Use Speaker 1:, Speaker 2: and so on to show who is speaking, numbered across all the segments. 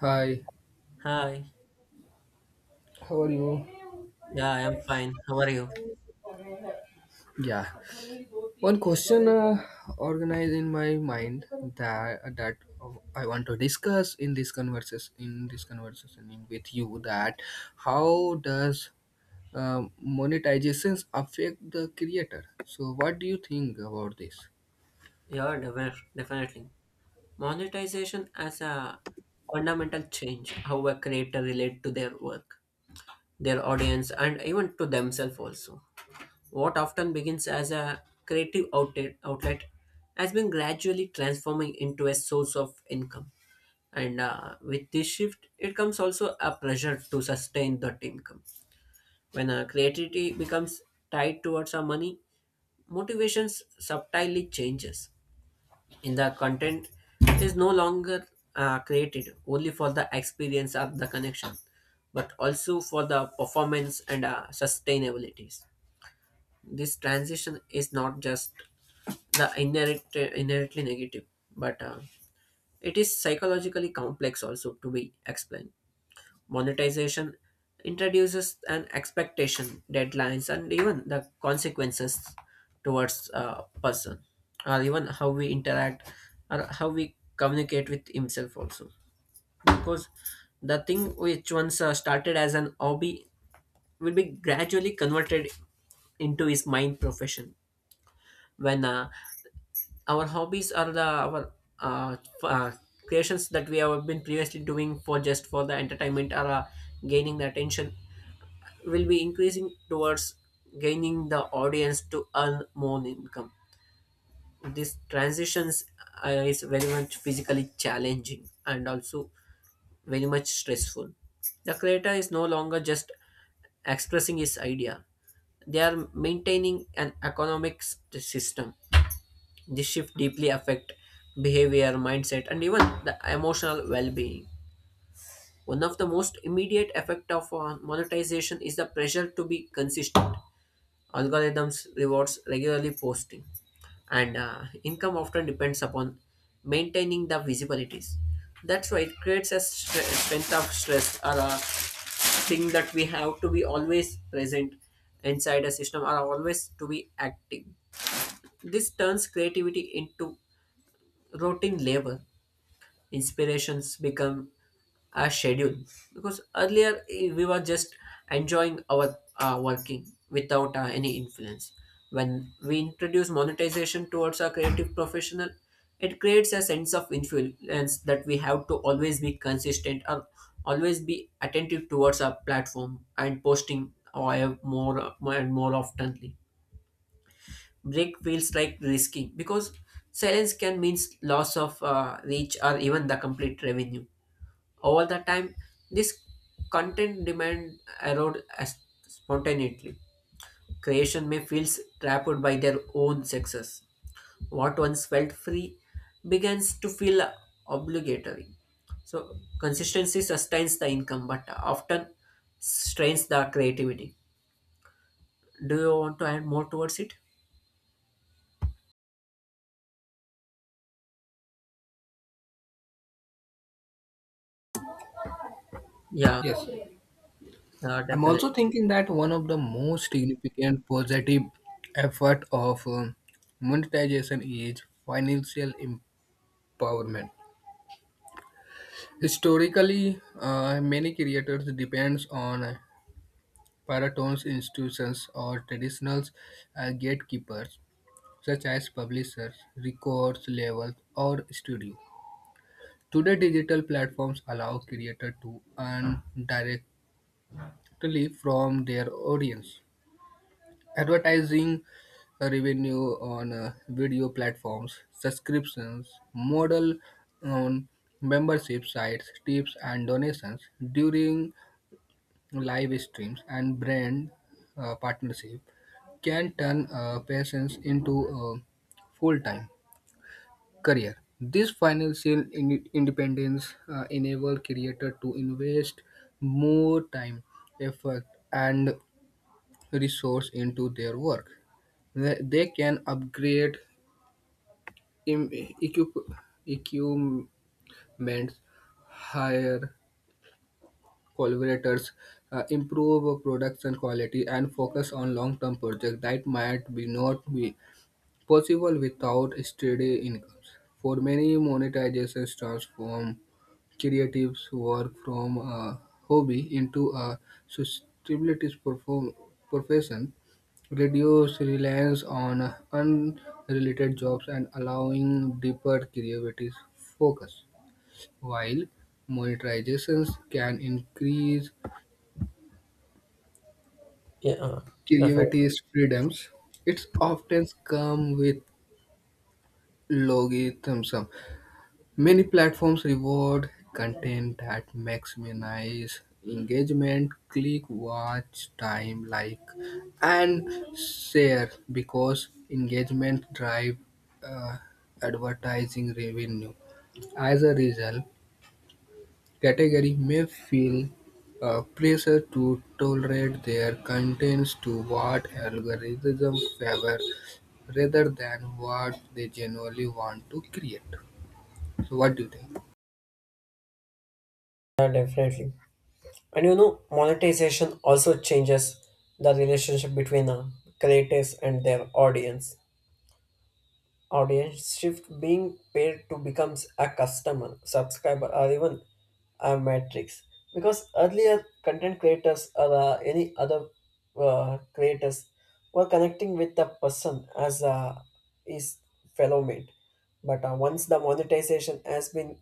Speaker 1: Hi,
Speaker 2: Hi.
Speaker 1: how are you?
Speaker 2: Yeah, I am fine. How are you?
Speaker 1: Yeah. One question organized in my mind that I want to discuss in this conversation with you, that how does monetizations affect the creator? So what do you think about this?
Speaker 2: Yeah, definitely. Monetization as a fundamental change how a creator relate to their work, their audience, and even to themselves also. What often begins as a creative outlet has been gradually transforming into a source of income. And with this shift, it comes also a pressure to sustain that income. When creativity becomes tied towards our money, motivations subtly changes in the content is no longer created only for the experience of the connection but also for the performance and sustainabilities this transition is not just the inherently negative but it is psychologically complex also to be explained monetization introduces an expectation, deadlines, and even the consequences towards a person, or even how we interact or how we communicate with himself also. Because the thing which once started as an hobby will be gradually converted into his main profession. When our hobbies are the our uh, f- uh, creations that we have been previously doing for just for the entertainment or gaining the attention will be increasing towards gaining the audience to earn more income. These transitions is very much physically challenging and also very much stressful. The creator is no longer just expressing his idea; they are maintaining an economic system. This shift deeply affect behavior, mindset, and even the emotional well-being. One of the most immediate effect of monetization is the pressure to be consistent. Algorithms rewards regularly posting, and income often depends upon maintaining the visibilities. That's why it creates a strength of stress or a thing that we have to be always present inside a system or always to be active. This turns creativity into routine labor. Inspirations become a schedule because earlier we were just enjoying our working without any influence when we introduce monetization towards our creative professional it creates a sense of influence that we have to always be consistent or always be attentive towards our platform and posting or more and more oftenly break feels like risky because silence can mean loss of reach or even the complete revenue over the time, this content demand erode as spontaneously. Creation may feel trapped by their own success. What once felt free begins to feel obligatory. So consistency sustains the income, but often strains the creativity. Do you want to add more towards it? Yeah,
Speaker 1: Yes. I'm
Speaker 2: definitely.
Speaker 1: also thinking that one of the most significant positive effort of monetization is financial empowerment. Historically, many creators depends on paratons institutions or traditional gatekeepers such as publishers, records labels, or studio. Today, digital platforms allow creators to earn directly from their audience. Advertising revenue on video platforms, subscriptions, model on membership sites, tips, and donations during live streams and brand partnership can turn patients into a full-time career. This financial independence enable creator to invest more time, effort, and resource into their work. They can upgrade im- equip- equipment, hire collaborators, improve production quality, and focus on long-term projects that might be not be possible without steady incomes. For many, monetizations transform creatives' work from a hobby into a sustainability perform- profession, reduce reliance on unrelated jobs and allowing deeper creativity focus. While monetizations can increase
Speaker 2: Yeah, definitely.
Speaker 1: derivative freedoms, it's often come with logitism. Many platforms reward content that maximizes engagement, click, watch time, like, and share because engagement drive uh, advertising revenue. As a result, category may feel pressure to tolerate their contents to what algorithm favor rather than what they genuinely want to create. So, what do you think?
Speaker 2: Yeah, definitely. And you know, monetization also changes the relation creators and their audience. Or being paid to become someone even analytics because earlier content creators or any other creators work with the person as his fellow mate but once the monetization has been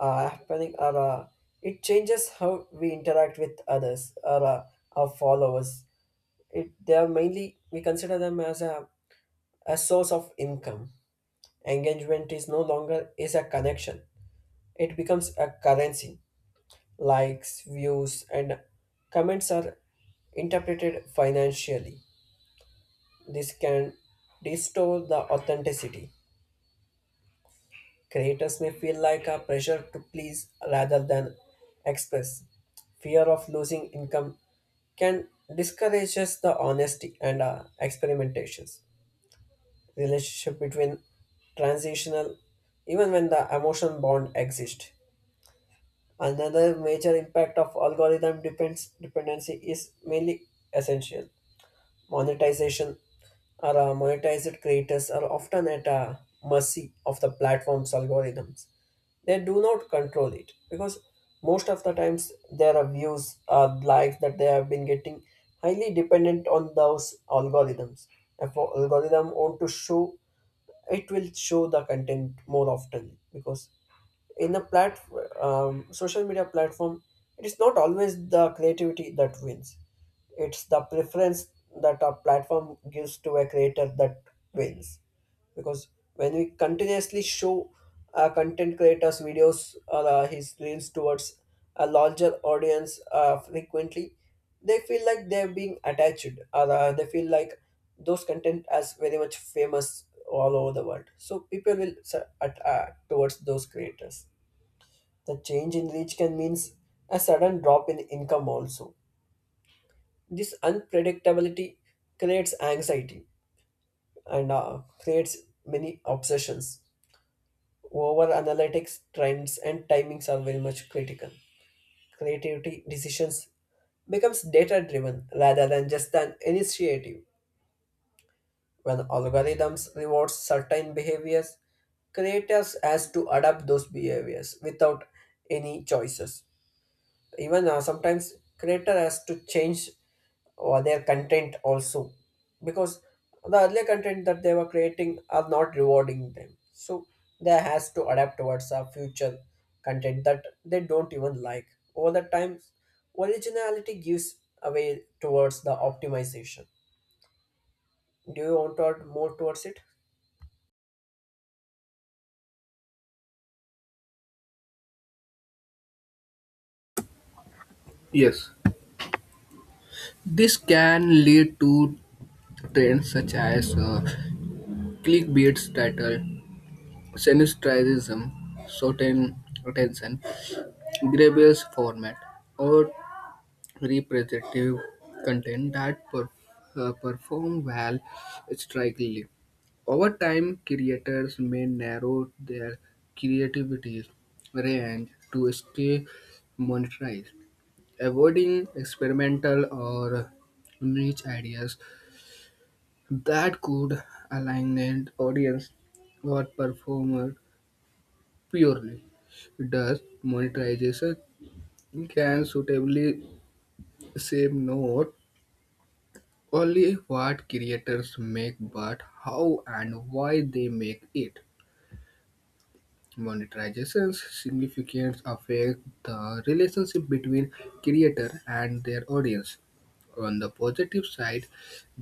Speaker 2: happening or it changes how we interact with others or our followers it they are mainly we consider them as a source of income engagement is no longer is a connection it becomes a currency. Likes, views, and comments are interpreted financially. This can distort the authenticity. Creators may feel like a pressure to please rather than express. Fear of losing income can discourage us the honesty and experimentations. Relationship between transitional, even when the emotion bond exists. Another major impact of algorithm depends dependency is mainly essential monetization or monetized creators are often at a mercy of the platform's algorithms. They do not control it because most of the times their views or likes that they have been getting highly dependent on those algorithms. If a algorithm want to show, it will show the content more often because in the social media platform it is not always the creativity that wins it's the preference that a platform gives to a creator that wins because when we continuously show a content creator's videos or his reels towards a larger audience frequently they feel like they're being attached or they feel like those content as very much famous all over the world so people will towards those creators the change in reach can mean a sudden drop in income also. This unpredictability creates anxiety and creates many obsessions. Over analytics, trends, and timings are very much critical. Creativity decisions becomes data driven rather than just an initiative. When algorithms rewards certain behaviors, creators has to adapt those behaviors without any choices. Even sometimes creator has to change or their content also because the earlier content that they were creating are not rewarding them so they has to adapt towards a future content that they don't even like over the time originality gives away towards the optimization. Do you want to add more towards it?
Speaker 1: Yes. This can lead to trends such as clickbait title, sensationalism, certain attention, grandiose format, or representative content that perform well strikingly. Over time, creators may narrow their creativity range to stay monetized, avoiding experimental or niche ideas that could align an audience or performer purely. Thus, monetization can suitably shape not only what creators make but how and why they make it. Monetization's significance affect the relationship between creator and their audience. On the positive side,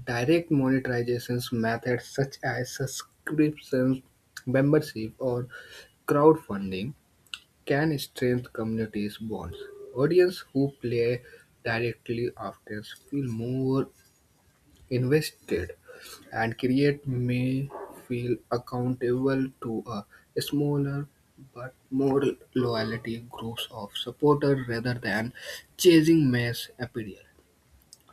Speaker 1: direct monetization methods such as subscriptions, membership, or crowdfunding can strengthen communities' bonds. Audience who play directly often feel more invested, and create may feel accountable to a smaller but more loyalty groups of supporters rather than chasing mass appeal.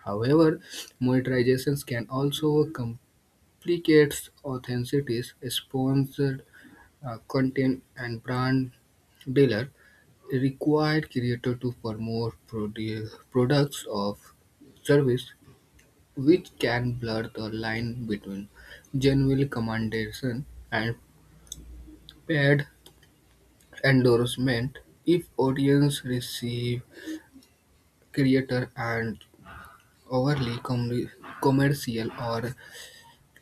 Speaker 1: However, monetizations can also complicate authenticity, sponsored content, and brand dealer require creator to promote products of service, which can blur the line between genuine commendation and paid endorsement. If audience receive creator and overly com- commercial, or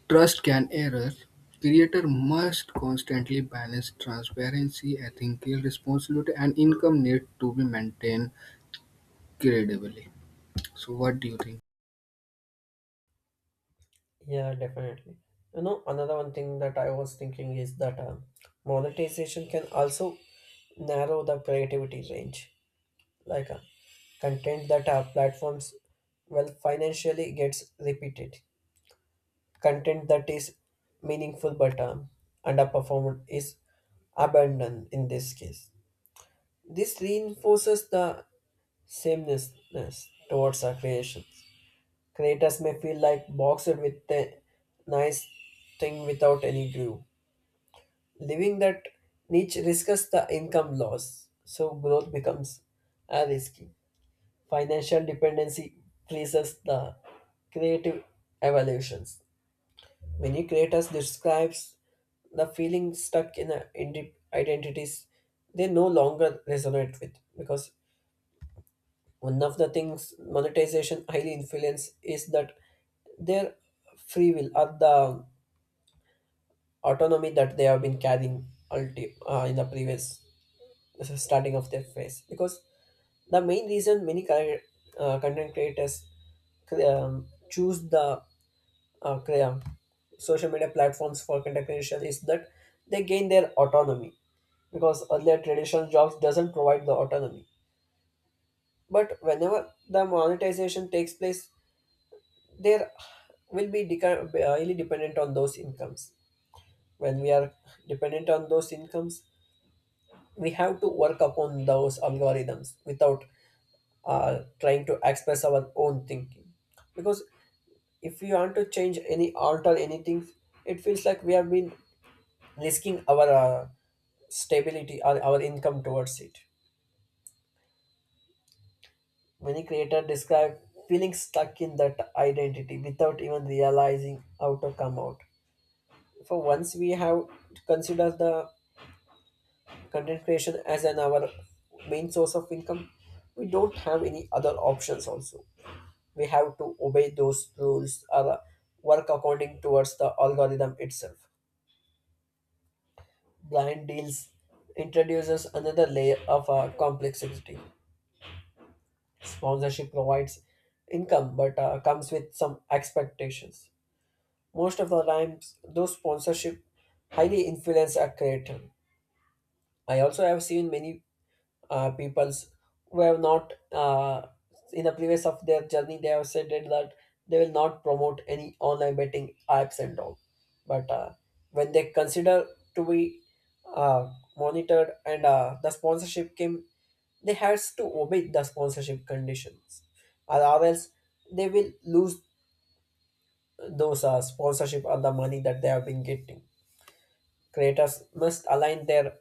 Speaker 1: trust can error, creator must constantly balance transparency, ethical responsibility, and income need to be maintained credibly. So what do you think?
Speaker 2: Yeah, definitely. You know one thing that I was thinking is that monetization can also narrow the creativity range like content that our platforms well financially gets repeated content that is meaningful but underperformed is abandoned in this case this reinforces the sameness towards our creations creators may feel like boxed with a nice thing without any groove living that niche risks the income loss so growth becomes a risky financial dependency freezes the creative evolutions. Many creators describes the feeling stuck in a identities they no longer resonate with because one of the things monetization highly influence is that their free will or the autonomy that they have been carrying in the previous starting of their phase because the main reason many content creators choose the uh, crea- social media platforms for content creation is that they gain their autonomy because earlier traditional jobs doesn't provide the autonomy but whenever the monetization takes place there will be highly dependent on those incomes when we are dependent on those incomes we have to work upon those algorithms without trying to express our own thinking because if we want to change any alter anything it feels like we have been risking our stability or our income towards it. Many creators describe feeling stuck in that identity without even realizing how to come out. For once we have considered the content creation as an our main source of income, we don't have any other options also. We have to obey those rules or work according towards the algorithm itself. Blind deals introduces another layer of complexity. Sponsorship provides income but comes with some expectations. Most of the times, those sponsorship highly influence a creator. I also have seen many peoples who have not in the previous of their journey they have said it that they will not promote any online betting apps and all but when they consider to be uh, monitored and the sponsorship came they has to obey the sponsorship conditions or else they will lose those sponsorship or the money that they have been getting creators must align their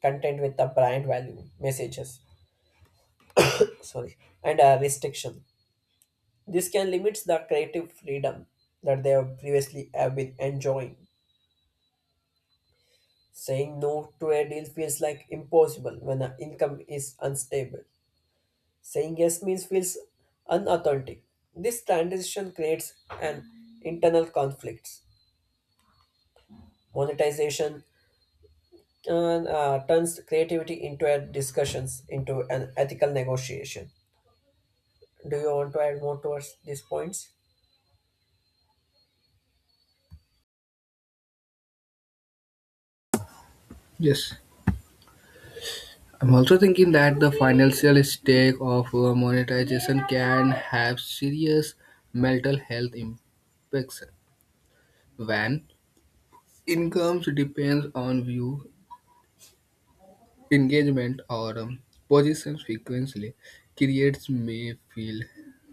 Speaker 2: content with the brand value messages sorry and restriction this can limit the creative freedom that they have previously have been enjoying saying no to a deal feels like impossible when the income is unstable saying yes means feels unauthentic this transition creates an internal conflicts monetization turns creativity into a discussions into an ethical negotiation. Do you want to add more towards these points?
Speaker 1: Yes, I'm also thinking that the financial stake of monetization can have serious mental health impacts. When incomes depends on view, engagement, or position frequently, creators may feel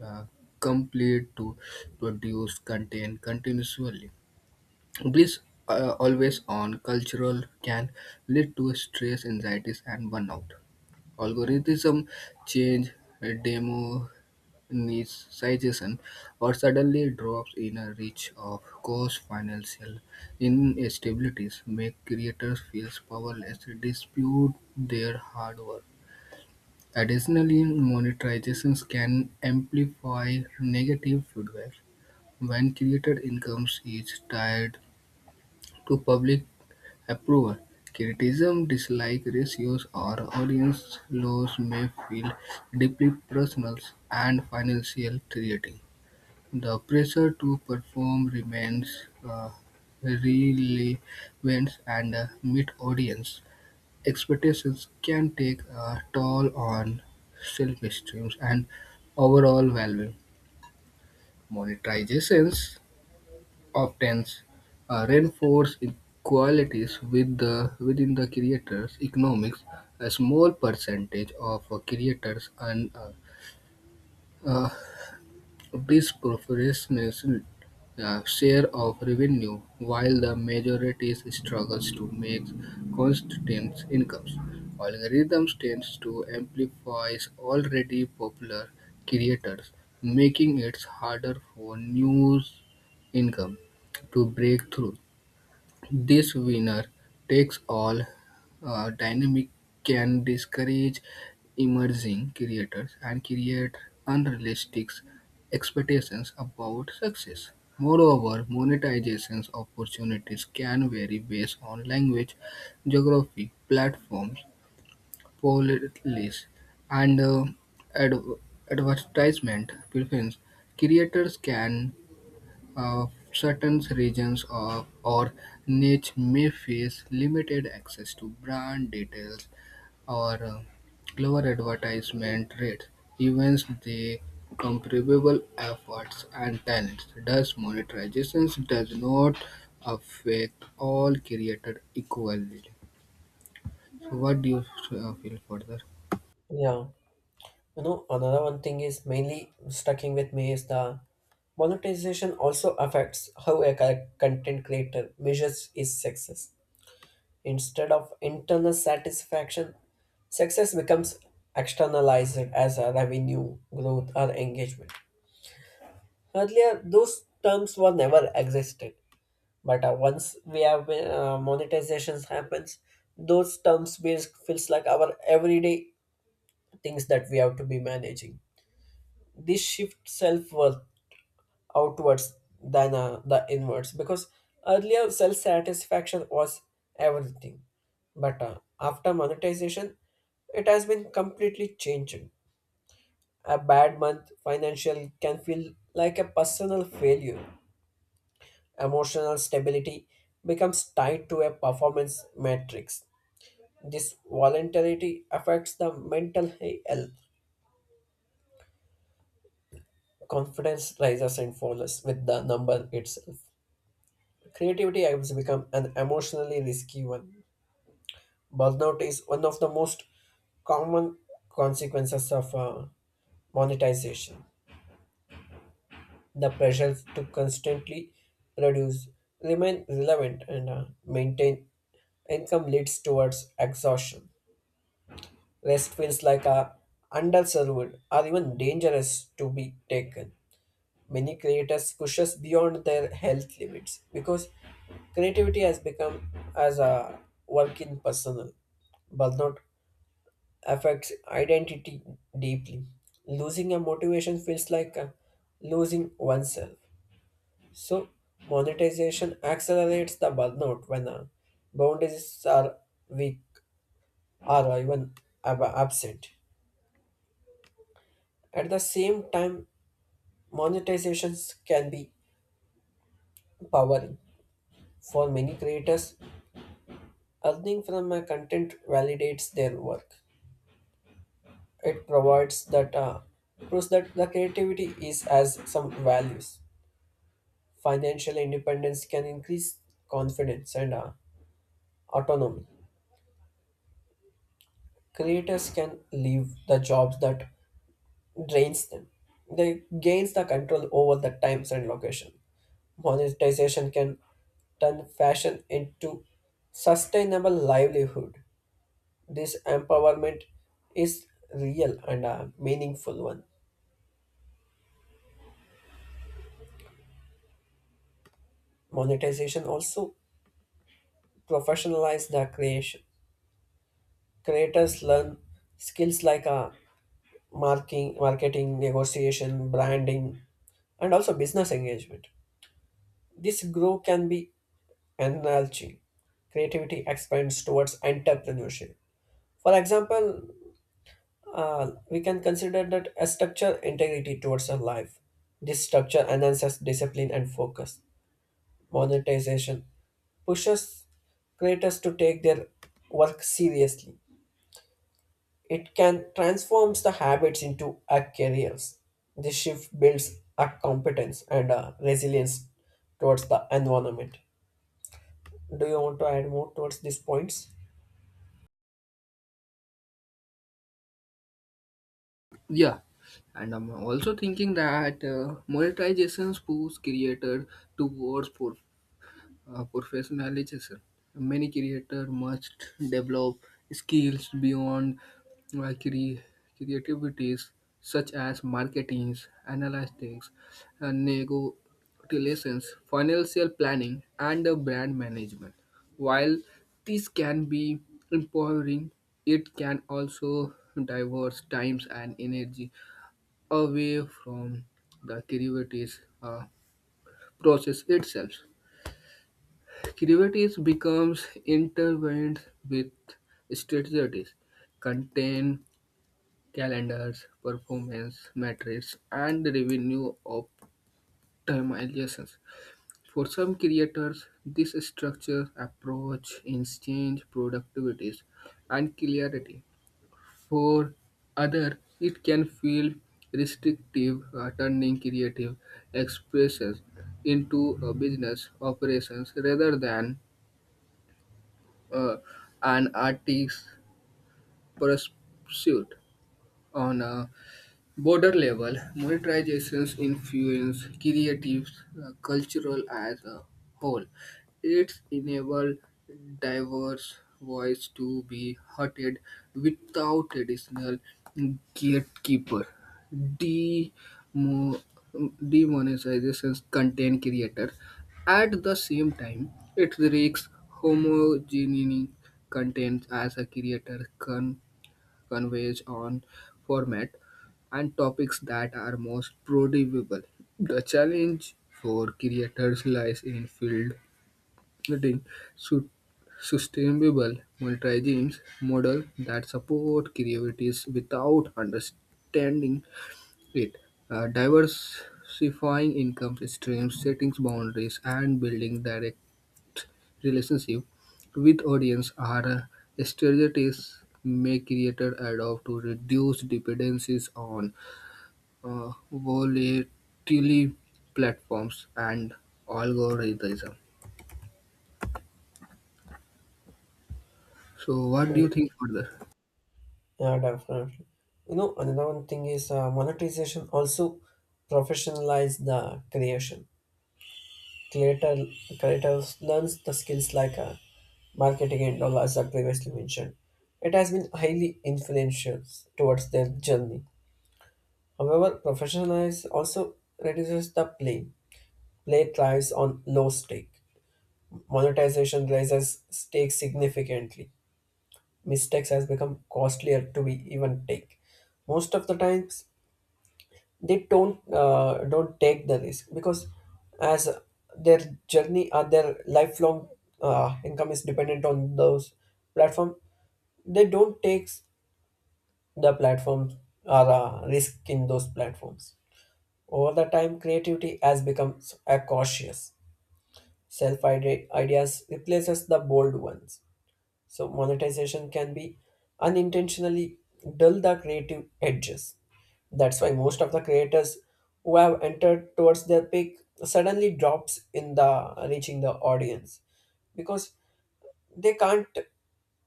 Speaker 1: uh, complete to produce content continuously. This always on cultural can lead to stress, anxieties, and burnout. Algorithm change, demo niche suggestion, or suddenly drops in a reach of cause financial instabilities make creators feel powerless to dispute their hard work. Additionally, monetizations can amplify negative feedback. When creator incomes is tied to public approval, criticism, dislike ratios, or audience loss may feel deeply personal and financial threatening. The pressure to perform remains relevant and meet audience expectations can take a toll on self-esteem and overall value. Monetizations often reinforce inequalities within the creators' economics. A small percentage of creators earn a, these corporations share of revenue, while the majority struggles to make consistent incomes. Algorithms tend to amplify already popular creators, making it harder for new income to break through. This winner takes all dynamic can discourage emerging creators and create unrealistic expectations about success. Moreover, monetization opportunities can vary based on language, geography, platforms, policies, and ad- advertisement preference. Creators can, uh, certain regions of, or niche may face limited access to brand details or lower advertisement rates, even the comparable efforts and talents. Thus, monetization does not affect all creators equally. So, what do you feel further?
Speaker 2: Yeah. You know, another one thing is mainly sticking with me is the monetization also affects how a content creator measures his success. Instead of internal satisfaction, success becomes externalized as a revenue, growth, or engagement. Earlier, those terms were never existed, but once we have monetizations happens, those terms feels like our everyday things that we have to be managing. This shift self worth outwards than the inwards because earlier self satisfaction was everything but after monetization it has been completely changed a bad month financial can feel like a personal failure emotional stability becomes tied to a performance matrix this volatility affects the mental health confidence rises and falls with the number itself creativity has become an emotionally risky one. Burnout is one of the most common consequences of monetization. The pressure to constantly reduce, remain relevant, and maintain income leads towards exhaustion. Rest feels like a underserved or even dangerous to be taken. Many creators push us beyond their health limits because creativity has become as a work in personal burnout affects identity deeply. Losing a motivation feels like losing oneself. So, monetization accelerates the burnout when boundaries are weak or even absent. At the same time, monetizations can be empowering. For many creators, earning from a content validates their work. It provides that proves that the creativity is as some values. Financial independence can increase confidence and autonomy. Creators can leave the jobs that drains them. They gains the control over the times and location. Monetization can turn fashion into sustainable livelihood. This empowerment is real and a meaningful one. Monetization also professionalize the creation. Creators learn skills like marketing, negotiation, branding, and also business engagement. This growth can be enlarging. Creativity expands towards entrepreneurship. For example, we can consider that a structure integrity towards our life. This structure enhances discipline and focus. Monetization pushes creators to take their work seriously. It can transforms the habits into a careers. This shift builds a competence and a resilience towards the environment. Do you want to add more towards these points?
Speaker 1: Yeah, and I'm also thinking that monetization pulls creator towards professionalization. Many creators must develop skills beyond uh, cre- creativities such as marketing, analytics, and negotiations, financial planning, and brand management. While this can be empowering, it can also diverse times and energy away from the creative process itself. Creatives becomes intertwined with strategies, contain calendars, performance metrics, and revenue optimizations. For some creators, this structure approach exchange productivities and clarity. For other, it can feel restrictive, turning creative expressions into a business operations rather than uh, an artist's pursuit on a border level. Monetizations influence creative cultural as a whole. It's enable diverse voice to be heard without traditional gatekeeper. Demo- demonetizations contain creator. At the same time, it risks homogeneity content as a creator converge on format and topics that are most productive. The challenge for creators lies in fielding su- sustainable multi-genes model that support creativities without understanding it. Diversifying income streams, setting boundaries, and building direct relationship with audience are strategies may creator adopt to reduce dependencies on volatile platforms and algorithm. So, what do you
Speaker 2: Yeah,
Speaker 1: think further?
Speaker 2: Yeah, definitely. You know, another one thing is monetization also professionalize the creation. Creator creators learns the skills like marketing and all as I previously mentioned. It has been highly influential towards their journey. However, professionalization also reduces the play. Play thrives on low stake. Monetization raises stakes significantly. Mistakes has become costlier to be even take. Most of the times, they don't take the risk because as their journey or their lifelong income is dependent on those platform, they don't take the platform or risk in those platforms. Over the time, creativity has become a cautious. Self-ideas ideas replaces the bold ones. So monetization can be unintentionally dull the creative edges. That's why most of the creators who have entered towards their peak suddenly drops in the reaching the audience because they can't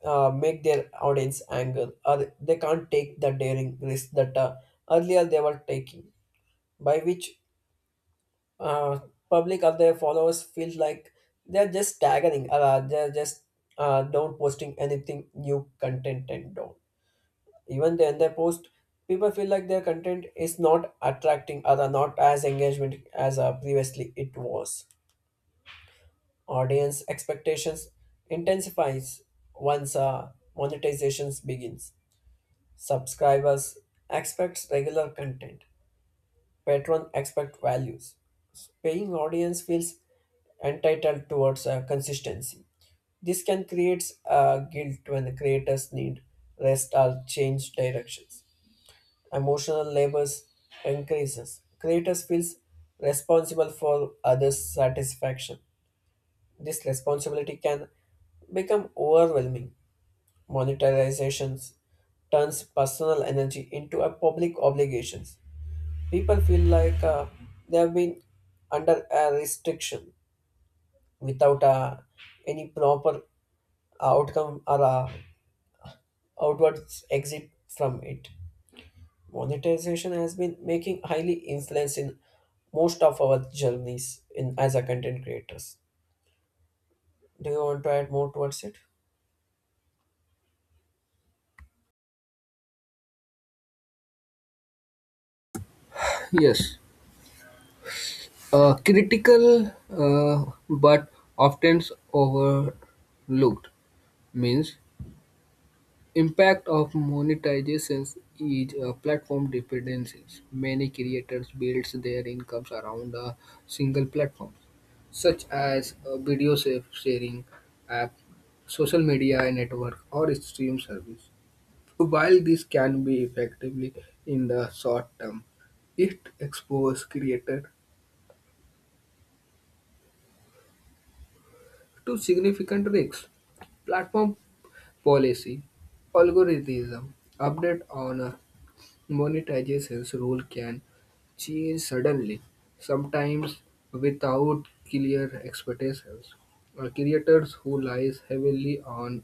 Speaker 2: make their audience angry or they can't take the daring risk that earlier they were taking by which uh, public or their followers feel like they're just staggering they're just don't posting anything new content and don't even then they post people feel like their content is not attracting other not as engagement as previously it was audience expectations intensifies once monetizations begins subscribers expects regular content patron expect values paying audience feels entitled towards consistency. This can create guilt when the creators need rest or change directions. Emotional labors increases. Creators feels responsible for others' satisfaction. This responsibility can become overwhelming. Monetizations turns personal energy into a public obligations. People feel like they have been under a restriction without any proper outcome or outwards exit from it. Monetization has been making highly influence in most of our journeys in as a content creators. Do you want to add more towards it?
Speaker 1: Yes, critical but often overlooked means impact of monetizations is a platform dependencies. Many creators build their incomes around a single platform, such as a sharing app, social media network, or stream service. While this can be effectively in the short term, it exposes creators to significant risks. Platform policy, algorithm update on monetization's rule can change suddenly, sometimes without clear expectations. Creators who rely heavily on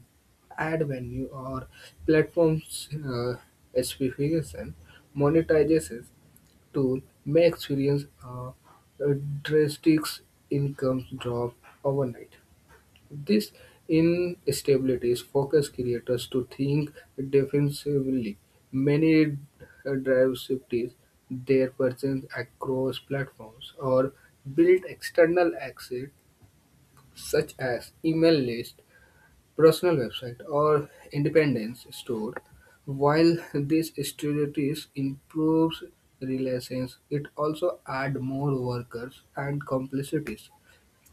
Speaker 1: ad revenue or platforms specification monetization tool may experience a drastic income drop overnight. This instabilities forces creators to think defensively. Many drive shifted their presence across platforms or build external assets such as email list, personal website, or independence store. While these strategies improves relations, it also add more workers and complexities,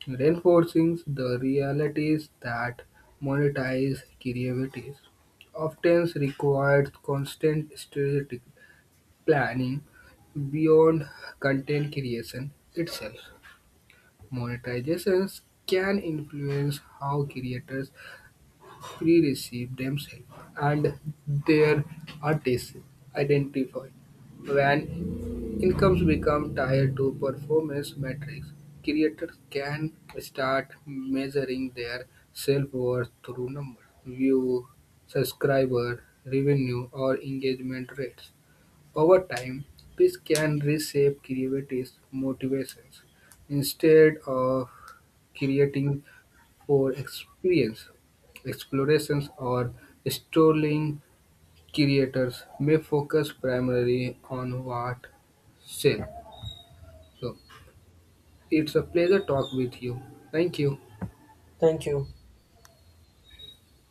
Speaker 1: reinforcing the realities that monetize creativity often requires constant strategic planning beyond content creation itself. Monetizations can influence how creators free receive themselves and their artists identified. When incomes become tied to performance metrics, creators can start measuring their self-worth through numbers, view, subscriber, revenue, or engagement rates. Over time, this can reshape creators' motivations. Instead of creating for experience, explorations, or strolling, creators may focus primarily on what sell. So it's a pleasure talk with you. Thank you.
Speaker 2: Thank you.